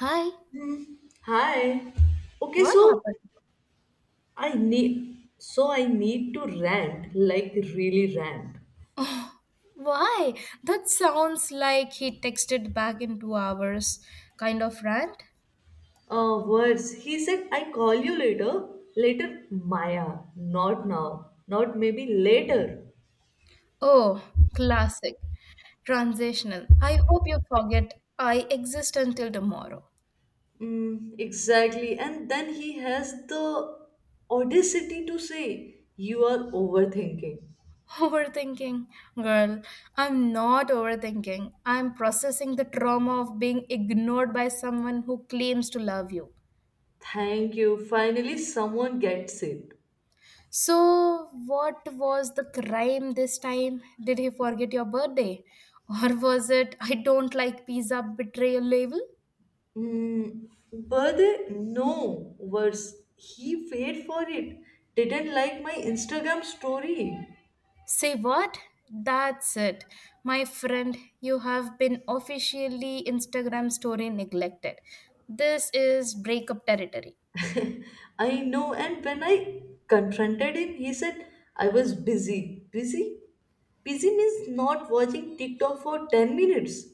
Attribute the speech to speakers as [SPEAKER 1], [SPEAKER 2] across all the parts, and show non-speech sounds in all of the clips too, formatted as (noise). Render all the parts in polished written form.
[SPEAKER 1] Hi,
[SPEAKER 2] Hi. Okay,
[SPEAKER 1] what
[SPEAKER 2] so
[SPEAKER 1] happened?
[SPEAKER 2] I need to rant, like really rant.
[SPEAKER 1] Why? That sounds like he texted back in 2 hours. Kind of rant?
[SPEAKER 2] Words. He said I call you later. Later, Maya. Not now. Not maybe later.
[SPEAKER 1] Oh, classic. Transitional. I hope you forget I exist until tomorrow.
[SPEAKER 2] Mm, exactly. And then he has the audacity to say, "You are overthinking."
[SPEAKER 1] (laughs) Overthinking. Girl, I'm not overthinking. I'm processing the trauma of being ignored by someone who claims to love you.
[SPEAKER 2] Thank you. Finally, someone gets it.
[SPEAKER 1] So, what was the crime this time? Did he forget your birthday? (laughs) Or was it, I don't like pizza betrayal label?
[SPEAKER 2] Mm, But No, worse. He paid for it. Didn't like my Instagram story.
[SPEAKER 1] Say what? That's it. My friend, you have been officially Instagram story neglected. This is breakup territory.
[SPEAKER 2] I know, and when I confronted him, he said I was busy. Busy? Busy means not watching TikTok for 10 minutes.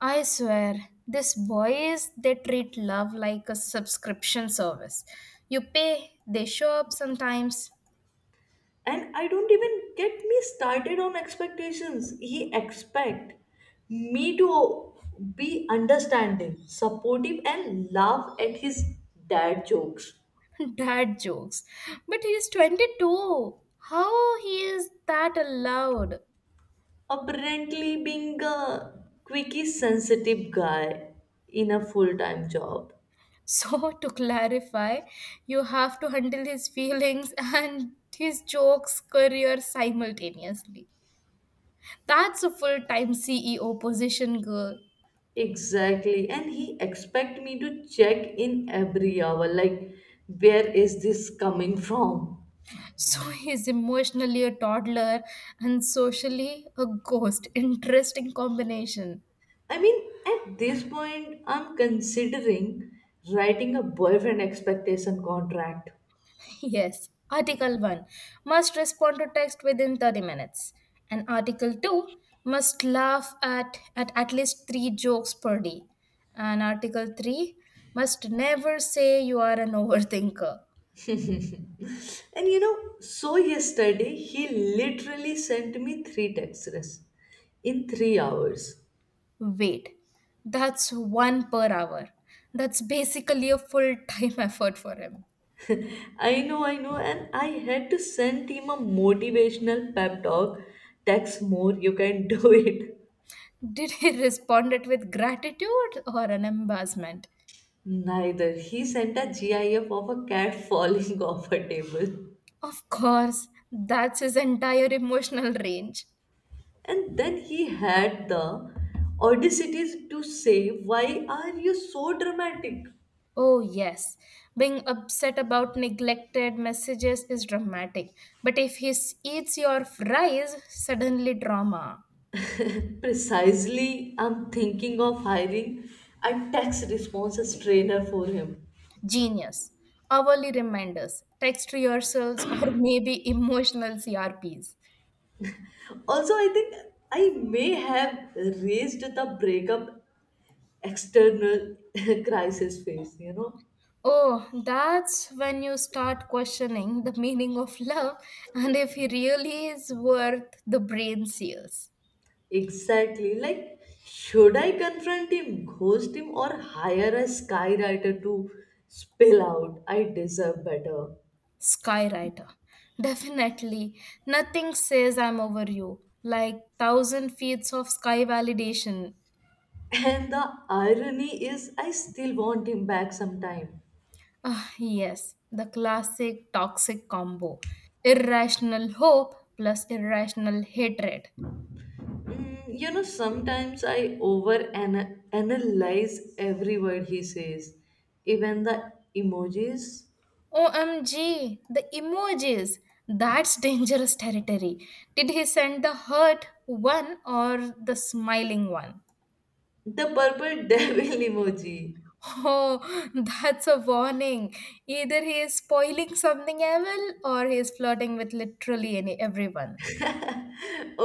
[SPEAKER 1] I swear, these boys, they treat love like a subscription service. You pay, they show up sometimes.
[SPEAKER 2] And I don't even get me started on expectations. He expect me to be understanding, supportive, and laugh at his dad jokes.
[SPEAKER 1] (laughs) Dad jokes. But he's 22. How he is that allowed?
[SPEAKER 2] Apparently being a quickie sensitive guy in a full-time job.
[SPEAKER 1] So, (laughs) to clarify, you have to handle his feelings (laughs) and his jokes career simultaneously. That's a full time CEO position, girl.
[SPEAKER 2] Exactly, and he expect me to check in every hour, like, where is this coming from?
[SPEAKER 1] So, (laughs) he's emotionally a toddler and socially a ghost. Interesting combination.
[SPEAKER 2] I mean, at this point I'm considering writing a boyfriend expectation contract.
[SPEAKER 1] Yes, Article 1 must respond to text within 30 minutes, and Article 2 must laugh at least three jokes per day, and Article 3 must never say you are an overthinker.
[SPEAKER 2] And you know, so yesterday he literally sent me three texts in 3 hours.
[SPEAKER 1] Wait, that's one per hour. That's basically a full time (laughs) effort for him.
[SPEAKER 2] I know, and I had to send him a motivational pep talk. Text more, you can (laughs) do it.
[SPEAKER 1] Did he respond it with gratitude or an embarrassment?
[SPEAKER 2] Neither. He sent a GIF of a cat falling (laughs) off a table.
[SPEAKER 1] Of course, that's his entire emotional range.
[SPEAKER 2] And then he had the audacity to say, "Why are you so dramatic?"
[SPEAKER 1] Oh, yes. Being upset about neglected messages is dramatic. But if he eats your fries, suddenly drama.
[SPEAKER 2] Precisely, I'm thinking of hiring a text responses trainer for him.
[SPEAKER 1] Genius. Hourly reminders, text rehearsals, or (laughs) maybe emotional CRPs.
[SPEAKER 2] Also, I think I may have raised the breakup external (laughs) crisis face, you know.
[SPEAKER 1] Oh, that's when you start questioning the meaning of love and if he really is worth the brain seals.
[SPEAKER 2] Exactly, like should I confront him, ghost him, or hire a skywriter to spill out I deserve better.
[SPEAKER 1] Skywriter. Definitely. Nothing says I'm over you. Like thousand feet of sky validation.
[SPEAKER 2] And the irony is I still want him back sometime.
[SPEAKER 1] Ah, yes, the classic toxic combo. Irrational hope plus irrational hatred.
[SPEAKER 2] Mm, you know, sometimes I over analyze every word he says, even the emojis.
[SPEAKER 1] OMG, the emojis. That's dangerous territory. Did he send the hurt one or the smiling one?
[SPEAKER 2] The purple (laughs) devil emoji.
[SPEAKER 1] Oh, (laughs) that's a warning. Either he is spoiling something evil or he is flirting with literally any everyone.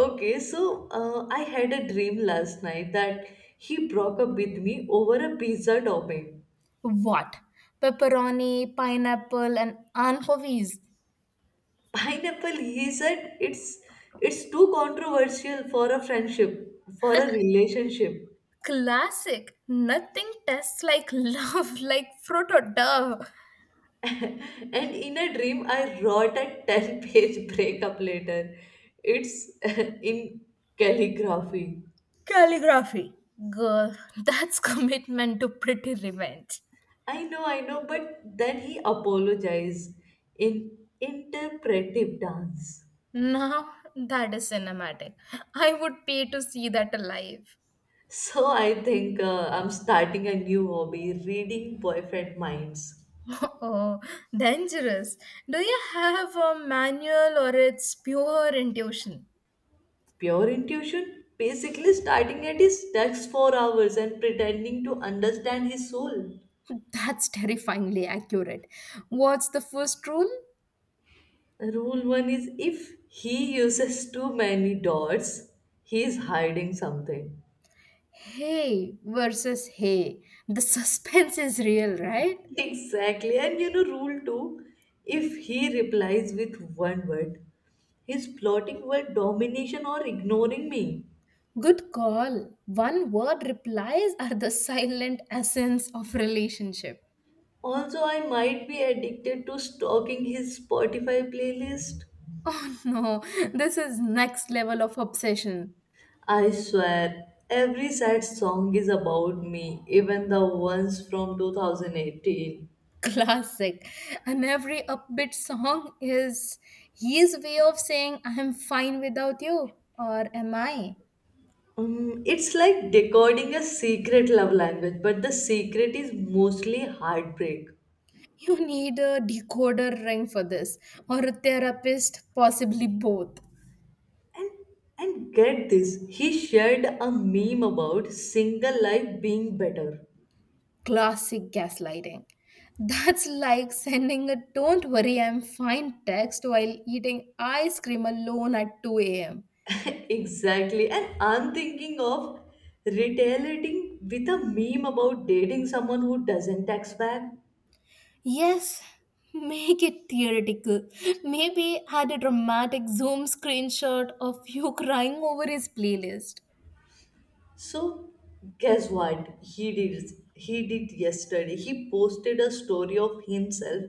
[SPEAKER 2] Okay, so I had a dream last night that he broke up with me over a pizza topping.
[SPEAKER 1] What? Pepperoni, pineapple, and anchovies.
[SPEAKER 2] (laughs) Pineapple, he said it's too controversial for a friendship, for a relationship.
[SPEAKER 1] Classic. Nothing tests like (laughs) love, like fruit or dove.
[SPEAKER 2] (laughs) And in a dream, I wrote a 10-page (laughs) breakup letter. It's (laughs) in calligraphy.
[SPEAKER 1] Calligraphy. Girl, (laughs) that's commitment to pretty revenge.
[SPEAKER 2] I know, but then he apologized in interpretive dance.
[SPEAKER 1] Now, that is cinematic. I would pay to see that alive.
[SPEAKER 2] So I think I'm starting a new hobby, reading boyfriend minds.
[SPEAKER 1] (laughs) Oh, dangerous. Do you have a manual or it's pure intuition?
[SPEAKER 2] Pure intuition, basically starting at his text for hours and pretending to understand his soul.
[SPEAKER 1] That's terrifyingly accurate. What's the first rule?
[SPEAKER 2] Rule one is, if he uses too many dots, he's hiding something.
[SPEAKER 1] Hey versus hey. The suspense is real, right?
[SPEAKER 2] (laughs) Exactly. And you know, rule two, if he replies with one word, he's plotting word domination or ignoring me.
[SPEAKER 1] Good call. One word replies are the silent essence of relationship.
[SPEAKER 2] Also, I might be addicted to stalking his Spotify playlist.
[SPEAKER 1] (laughs) No, this is next level of obsession.
[SPEAKER 2] I swear, every sad song is about me, even the ones from 2018.
[SPEAKER 1] Classic. And every upbeat song is his way of saying, I'm fine without you, or am I?
[SPEAKER 2] It's like decoding a secret love language, but the secret is mostly heartbreak.
[SPEAKER 1] You need a decoder ring for this, or a therapist, possibly both.
[SPEAKER 2] And and get this, he shared a meme about single life being better.
[SPEAKER 1] Classic gaslighting. That's like sending a don't worry, I'm fine text while eating ice cream alone at 2 a.m.
[SPEAKER 2] Exactly. And I'm thinking of retaliating with a meme about dating someone who doesn't text back.
[SPEAKER 1] Yes, make it theoretical. Maybe add a dramatic Zoom screenshot of you (laughs) crying over his playlist.
[SPEAKER 2] So, guess what? He did yesterday. He posted a story of himself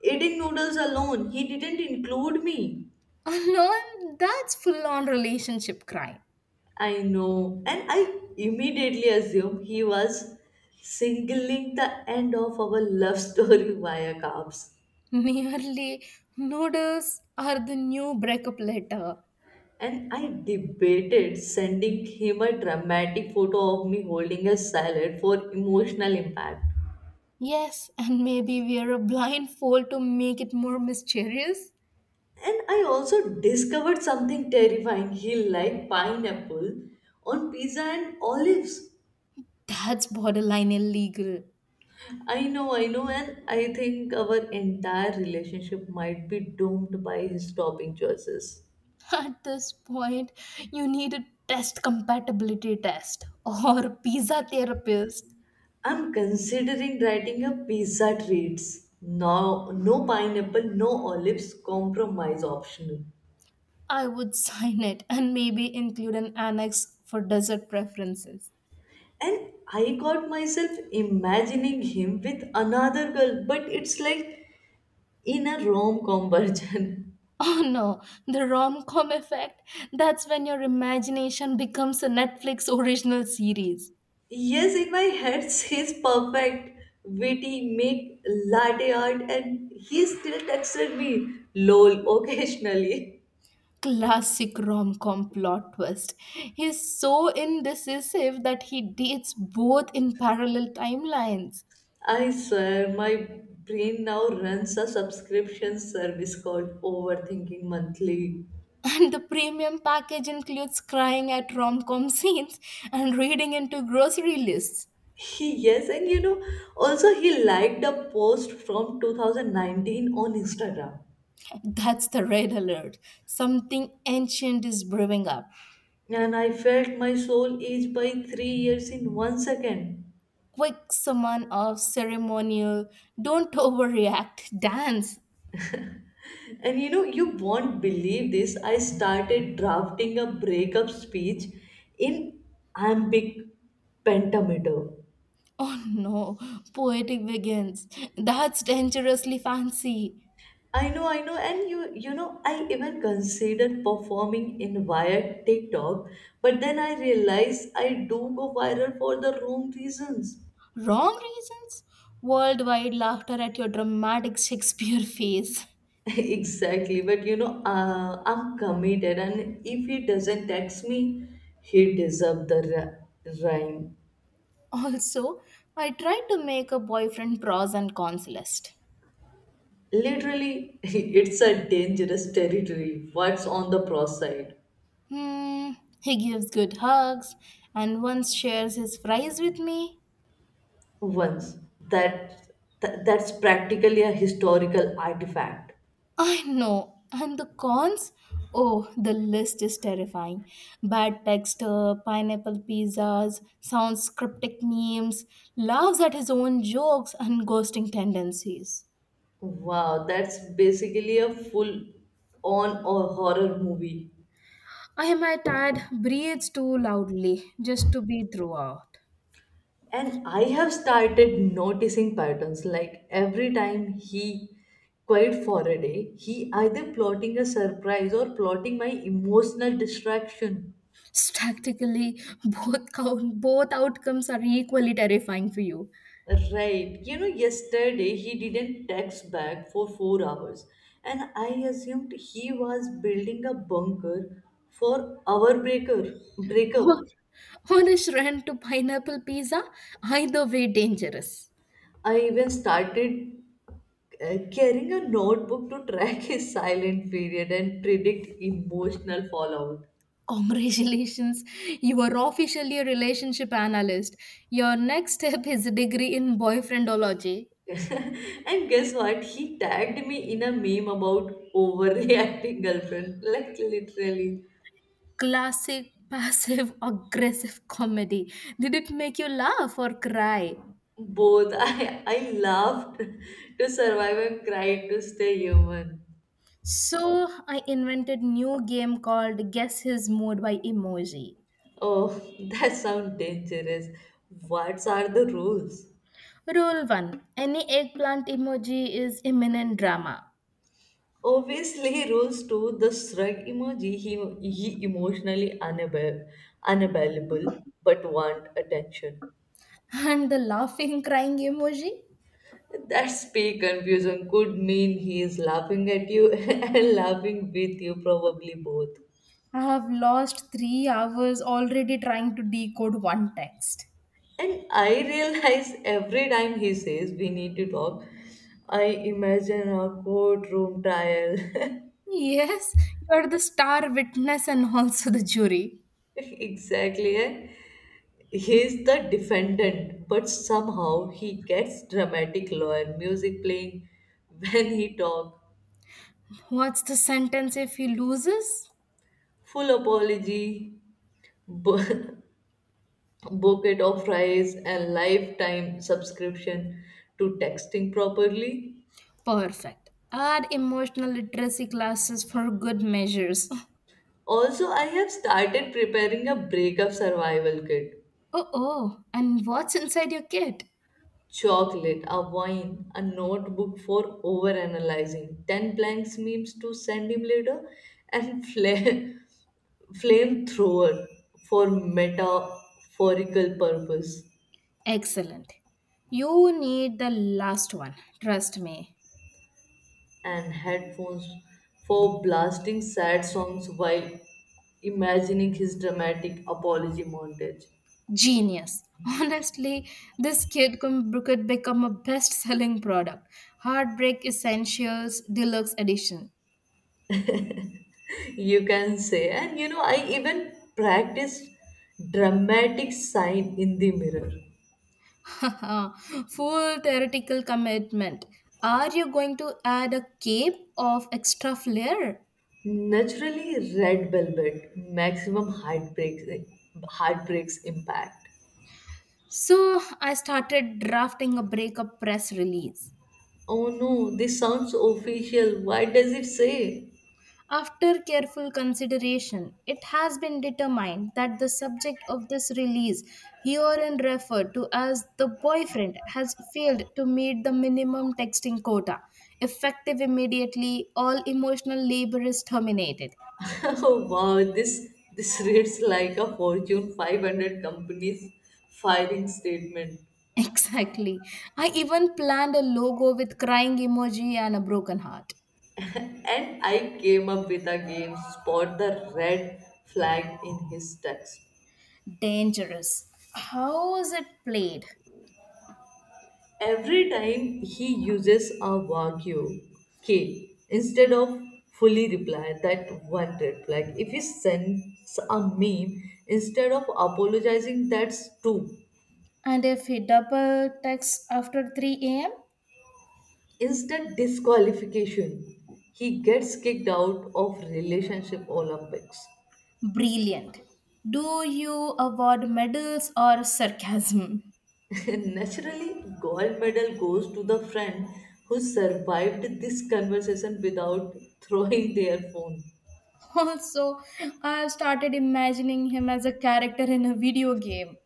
[SPEAKER 2] eating noodles alone. He didn't include me.
[SPEAKER 1] (laughs) Alone, that's full on relationship crying.
[SPEAKER 2] I know. And I immediately assumed he was singling the end of our love story (laughs) via carbs.
[SPEAKER 1] (laughs) Merely noodles are the new breakup letter.
[SPEAKER 2] And I debated sending him a dramatic photo of me holding a salad for emotional impact.
[SPEAKER 1] Yes, and maybe wear a blindfold to make it more mysterious.
[SPEAKER 2] And I also discovered something terrifying. He liked pineapple on pizza and olives.
[SPEAKER 1] That's borderline illegal.
[SPEAKER 2] I know, and I think our entire relationship might be doomed by his topping choices.
[SPEAKER 1] (laughs) At this point, you need a test compatibility test or pizza therapist.
[SPEAKER 2] I'm considering writing a pizza treats. No, pineapple, no olives, compromise optional.
[SPEAKER 1] I would (laughs) sign it and maybe include an annex for dessert preferences.
[SPEAKER 2] And I caught myself imagining him with another girl, but it's like in a rom com version.
[SPEAKER 1] Oh no, the rom com effect? That's when your imagination becomes a Netflix original series.
[SPEAKER 2] (laughs) Yes, in my head, (laughs) he's perfect, witty, make latte art, and he still texted me, lol, occasionally.
[SPEAKER 1] Classic rom com plot twist. He's so indecisive that he dates both in parallel timelines.
[SPEAKER 2] (laughs) I swear, my brain now runs a subscription service called Overthinking Monthly.
[SPEAKER 1] (laughs) And the premium package includes crying at rom com scenes and reading into grocery lists.
[SPEAKER 2] Yes, and you know, also he liked a post from 2019 on Instagram.
[SPEAKER 1] That's the red alert. Something ancient is brewing up.
[SPEAKER 2] And I felt my soul age by 3 years in one second.
[SPEAKER 1] Quick summon of ceremonial. Don't overreact. Dance.
[SPEAKER 2] And you know, you won't believe this. I started drafting a breakup speech in iambic pentameter.
[SPEAKER 1] Oh no, poetic begins. That's dangerously fancy.
[SPEAKER 2] I know, and you know, I even considered performing in via TikTok, but then I realized I do go viral for the wrong reasons.
[SPEAKER 1] Wrong reasons? Worldwide laughter at your dramatic Shakespeare (laughs) face.
[SPEAKER 2] (laughs) Exactly, but you know, I'm committed, and if he doesn't text me, he deserves the rhyme.
[SPEAKER 1] Also, I tried to make a boyfriend pros and cons list.
[SPEAKER 2] Literally, (laughs) it's a dangerous territory. What's on the pro side?
[SPEAKER 1] Hmm, he gives good hugs and once shares his fries with me.
[SPEAKER 2] Once, that that's practically a historical artifact.
[SPEAKER 1] I know. And the cons? Oh, the list is terrifying. Bad texter, pineapple pizzas, sounds cryptic names, laughs at his own jokes, and ghosting tendencies.
[SPEAKER 2] Wow, that's basically a full on or horror movie.
[SPEAKER 1] I am a tad breathes too loudly just to be throughout.
[SPEAKER 2] And I have started noticing patterns, like every time he quiet for a day, he either plotting a surprise or plotting my emotional distraction.
[SPEAKER 1] Tactically, both count, both outcomes are equally terrifying for you.
[SPEAKER 2] Right. You know, yesterday he didn't text back for 4 hours, and I assumed he was building a bunker for our breaker
[SPEAKER 1] Or,
[SPEAKER 2] breakup.
[SPEAKER 1] or a shrine to pineapple pizza, either way dangerous.
[SPEAKER 2] I even started carrying a notebook to track (laughs) his silent period and predict emotional fallout.
[SPEAKER 1] Congratulations, you are officially a relationship analyst. Your next step is a degree in boyfriendology.
[SPEAKER 2] (laughs) And guess what? He tagged me in a meme about overreacting girlfriend. (laughs) Like literally
[SPEAKER 1] Classic passive (laughs) aggressive comedy. Did it make you laugh or cry?
[SPEAKER 2] both. (laughs) I laughed to survive and cried to stay human.
[SPEAKER 1] So, I invented new game called Guess His Mood by Emoji.
[SPEAKER 2] Oh, that sounds dangerous. What are the rules?
[SPEAKER 1] Rule 1. Any eggplant emoji is imminent drama.
[SPEAKER 2] Obviously, rules to the shrug emoji. He emotionally unavailable but want attention.
[SPEAKER 1] And the laughing crying emoji?
[SPEAKER 2] That speak confusion, could mean he is laughing at you (laughs) and laughing with you, probably both.
[SPEAKER 1] I have lost 3 hours already trying to decode one text.
[SPEAKER 2] And I realize every time he says we need to talk, I imagine a courtroom trial.
[SPEAKER 1] Yes, you are the star witness and also the jury.
[SPEAKER 2] (laughs) Exactly. Eh? He's the defendant, but somehow he gets dramatic lawyer music playing when he talk.
[SPEAKER 1] What's the sentence if he loses?
[SPEAKER 2] Full apology, b- (laughs) bucket of rice and lifetime subscription to texting properly.
[SPEAKER 1] Perfect. Add emotional literacy classes for good measures.
[SPEAKER 2] Also, I have started preparing a breakup survival kit.
[SPEAKER 1] Oh, and what's inside your kit?
[SPEAKER 2] Chocolate, a wine, a notebook for overanalyzing, 10 blanks memes to send him later, and flame (laughs) flamethrower for metaphorical purpose.
[SPEAKER 1] Excellent. You need the last one. Trust me.
[SPEAKER 2] And headphones for blasting sad songs while imagining his dramatic apology montage.
[SPEAKER 1] Genius. (laughs) Honestly, this kit could become a best selling product. Heartbreak Essentials Deluxe Edition.
[SPEAKER 2] (laughs) You can say, and you know, I even practiced dramatic sign in the mirror.
[SPEAKER 1] (laughs) Full theoretical commitment. Are you going to add a cape of extra flair?
[SPEAKER 2] Naturally, red velvet, maximum heartbreaks impact.
[SPEAKER 1] So I started drafting a breakup press release.
[SPEAKER 2] Oh no, this sounds official. Why does it say?
[SPEAKER 1] After careful consideration, it has been determined that the subject of this release, herein referred to as the boyfriend, has failed to meet the minimum texting quota. Effective immediately, all emotional labor is terminated.
[SPEAKER 2] (laughs) Oh wow, this reads like a Fortune 500 company's filing statement.
[SPEAKER 1] Exactly. I even planned a logo with crying emoji and a broken heart.
[SPEAKER 2] And I came up with a game, spot the red flag in his text.
[SPEAKER 1] Dangerous. How is it played?
[SPEAKER 2] Every time he uses a vacuum key instead of fully reply, that one red flag. If he sends a meme instead of apologizing, that's two.
[SPEAKER 1] And if he double texts after 3 a.m.?
[SPEAKER 2] Instant disqualification. He gets kicked out of relationship Olympics.
[SPEAKER 1] Brilliant. Do you award medals or sarcasm? (laughs)
[SPEAKER 2] (laughs) Naturally, gold medal goes to the friend who survived this conversation without (laughs) throwing their phone.
[SPEAKER 1] Also, I have started imagining him as a character in a video game.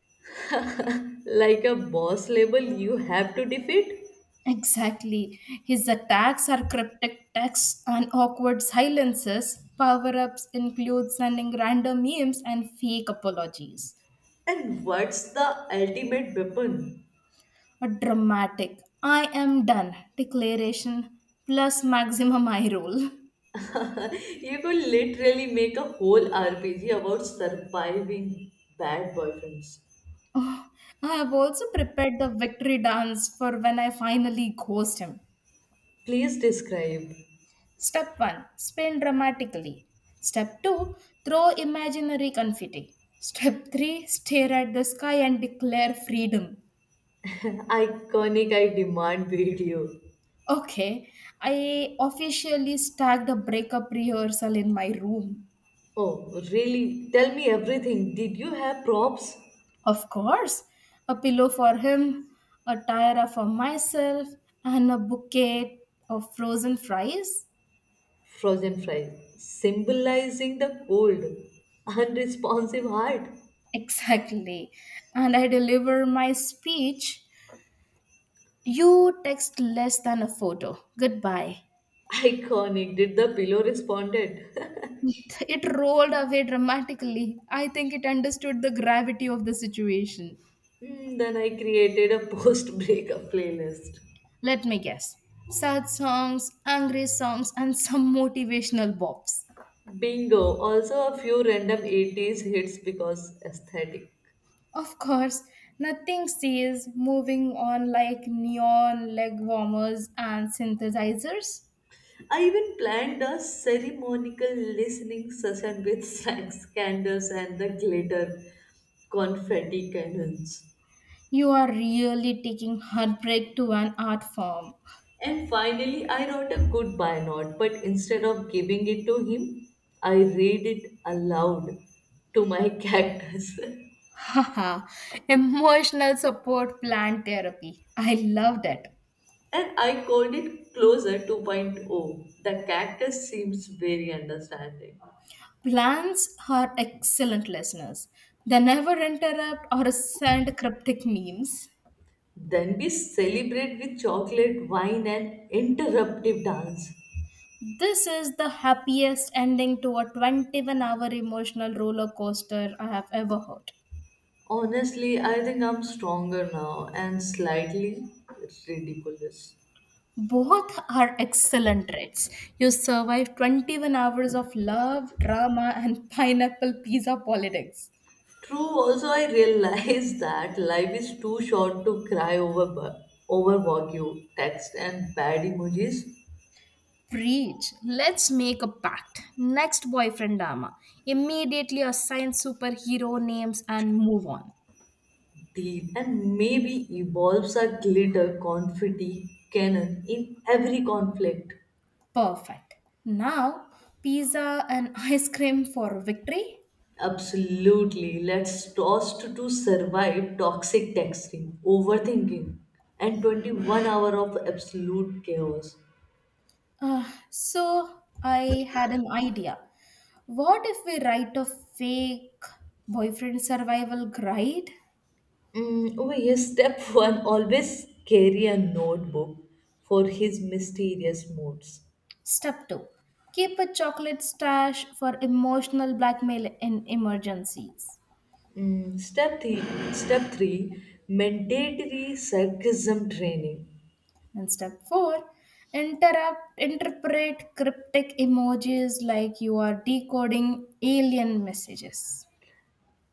[SPEAKER 2] Like a boss label you have to defeat.
[SPEAKER 1] Exactly. His attacks are cryptic texts and awkward silences. Power ups include sending random memes and fake apologies.
[SPEAKER 2] And what's the ultimate weapon?
[SPEAKER 1] A dramatic, I am done declaration plus maximum eye roll.
[SPEAKER 2] (laughs) You could literally make a whole RPG about surviving bad boyfriends.
[SPEAKER 1] (laughs) I have also prepared the victory dance for when I finally ghost him.
[SPEAKER 2] Please describe.
[SPEAKER 1] Step 1 spin dramatically. Step 2 throw imaginary confetti. Step 3 stare at the sky and declare freedom.
[SPEAKER 2] Iconic, I demand video.
[SPEAKER 1] Okay, I officially staged a breakup rehearsal in my room.
[SPEAKER 2] Oh, really? Tell me everything. Did you have props?
[SPEAKER 1] Of course, a pillow for him, a tiara for myself, and a bouquet of frozen fries.
[SPEAKER 2] Frozen fries, symbolizing the cold, unresponsive heart.
[SPEAKER 1] (laughs) Exactly. And I deliver my speech. You text less than a photo. Goodbye.
[SPEAKER 2] Iconic. Did the pillow responded? (laughs)
[SPEAKER 1] (laughs) It rolled away dramatically. I think it understood the gravity of the situation.
[SPEAKER 2] Hmm, then I created a post-breakup playlist.
[SPEAKER 1] Let me guess. Sad songs, angry songs, and (laughs) some motivational bops.
[SPEAKER 2] Bingo. Also a few random 80s hits because aesthetic.
[SPEAKER 1] Of course, nothing says moving on like neon leg warmers and synthesizers.
[SPEAKER 2] I even planned a ceremonial listening session with snacks, candles, and the glitter confetti cannons.
[SPEAKER 1] You are really taking heartbreak to an art form.
[SPEAKER 2] And finally, I wrote a goodbye note, but instead of giving it to him, I read it aloud to my (laughs) cactus.
[SPEAKER 1] (laughs) Haha, emotional support plan therapy. I love that.
[SPEAKER 2] And I called it Closer 2.0. The cactus seems very understanding.
[SPEAKER 1] Plants are excellent listeners. They never interrupt or send cryptic memes.
[SPEAKER 2] Then we celebrate with chocolate, wine, and interruptive dance.
[SPEAKER 1] This is the happiest ending to a 21-hour emotional roller coaster I have ever heard.
[SPEAKER 2] Honestly, I think I'm stronger now and slightly ridiculous.
[SPEAKER 1] Both are excellent traits. You survive 21 hours of love, drama, and (laughs) pineapple pizza politics.
[SPEAKER 2] True, also I realize (laughs) that life is too short to cry over over vague text and bad emojis.
[SPEAKER 1] Preach. Let's make a pact. Next boyfriend drama. Immediately assign superhero names and move on.
[SPEAKER 2] Deal, and maybe evolves a glitter confetti cannon in every conflict.
[SPEAKER 1] Perfect. Now, pizza and (laughs) ice cream for victory.
[SPEAKER 2] Absolutely, let's toast to survive toxic texting, overthinking, and 21 hour of absolute chaos.
[SPEAKER 1] So I had an idea. What if we write a fake boyfriend survival guide?
[SPEAKER 2] Mm, oh yes, step (laughs) one, always carry a notebook for his mysterious moods.
[SPEAKER 1] Step 2 keep a chocolate stash for emotional blackmail in emergencies.
[SPEAKER 2] Mm, step three, mandatory sarcasm training,
[SPEAKER 1] And step 4 interpret cryptic emojis like you are decoding alien messages.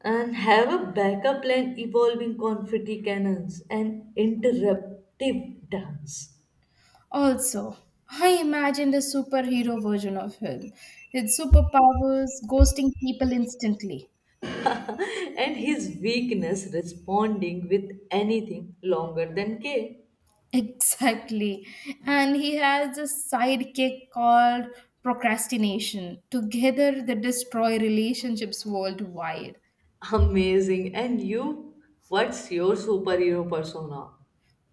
[SPEAKER 2] and have a backup plan evolving confetti cannons and interruptive dance.
[SPEAKER 1] Also, I imagined a superhero version of him. His superpowers ghosting people instantly.
[SPEAKER 2] (laughs) And his weakness responding with anything longer than K.
[SPEAKER 1] Exactly. And he has a sidekick called procrastination. Together, they destroy relationships worldwide.
[SPEAKER 2] Amazing! And you, what's your superhero persona?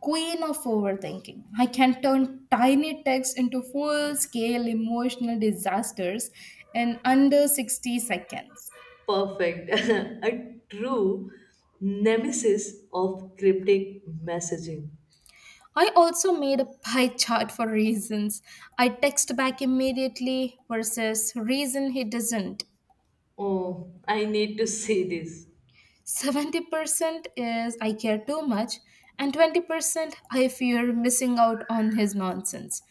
[SPEAKER 1] Queen of overthinking. I can turn tiny texts into full scale emotional disasters in under 60 seconds.
[SPEAKER 2] Perfect. (laughs) A true nemesis of cryptic messaging.
[SPEAKER 1] I also made a pie chart for reasons. I text back immediately versus reason he doesn't.
[SPEAKER 2] Oh, I need to see this.
[SPEAKER 1] 70% is I care too much, and 20% I fear missing out on his nonsense.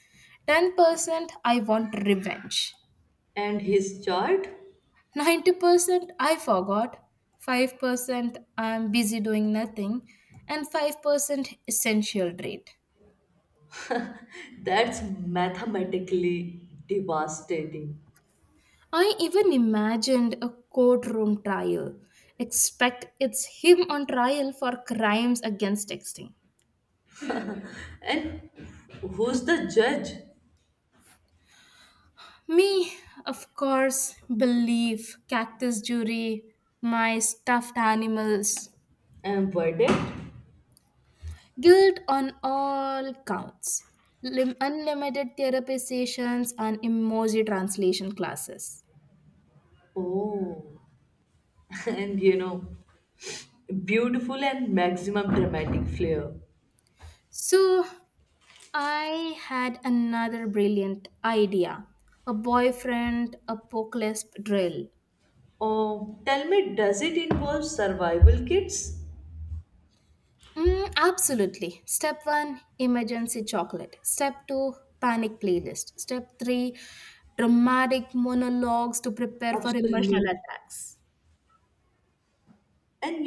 [SPEAKER 1] 10% I want revenge.
[SPEAKER 2] And his chart?
[SPEAKER 1] 90% I forgot. 5% I'm busy doing nothing. And 5% essential rate.
[SPEAKER 2] (laughs) That's mathematically devastating.
[SPEAKER 1] I even imagined a courtroom trial. Expect it's him on trial for crimes against texting.
[SPEAKER 2] And who's the judge?
[SPEAKER 1] Me, of course, belief, cactus jury, my stuffed animals.
[SPEAKER 2] And verdict?
[SPEAKER 1] Guilt on all counts. Unlimited therapy sessions and emoji translation classes.
[SPEAKER 2] Oh, (laughs) and you know, beautiful and maximum dramatic flair.
[SPEAKER 1] So, I had another brilliant idea a boyfriend apocalypse drill.
[SPEAKER 2] Oh, tell me, does it involve survival kits?
[SPEAKER 1] Mm, absolutely. Step one, emergency chocolate. Step two, panic playlist. Step three, dramatic monologues to prepare for emotional
[SPEAKER 2] Absolute.
[SPEAKER 1] attacks.
[SPEAKER 2] And you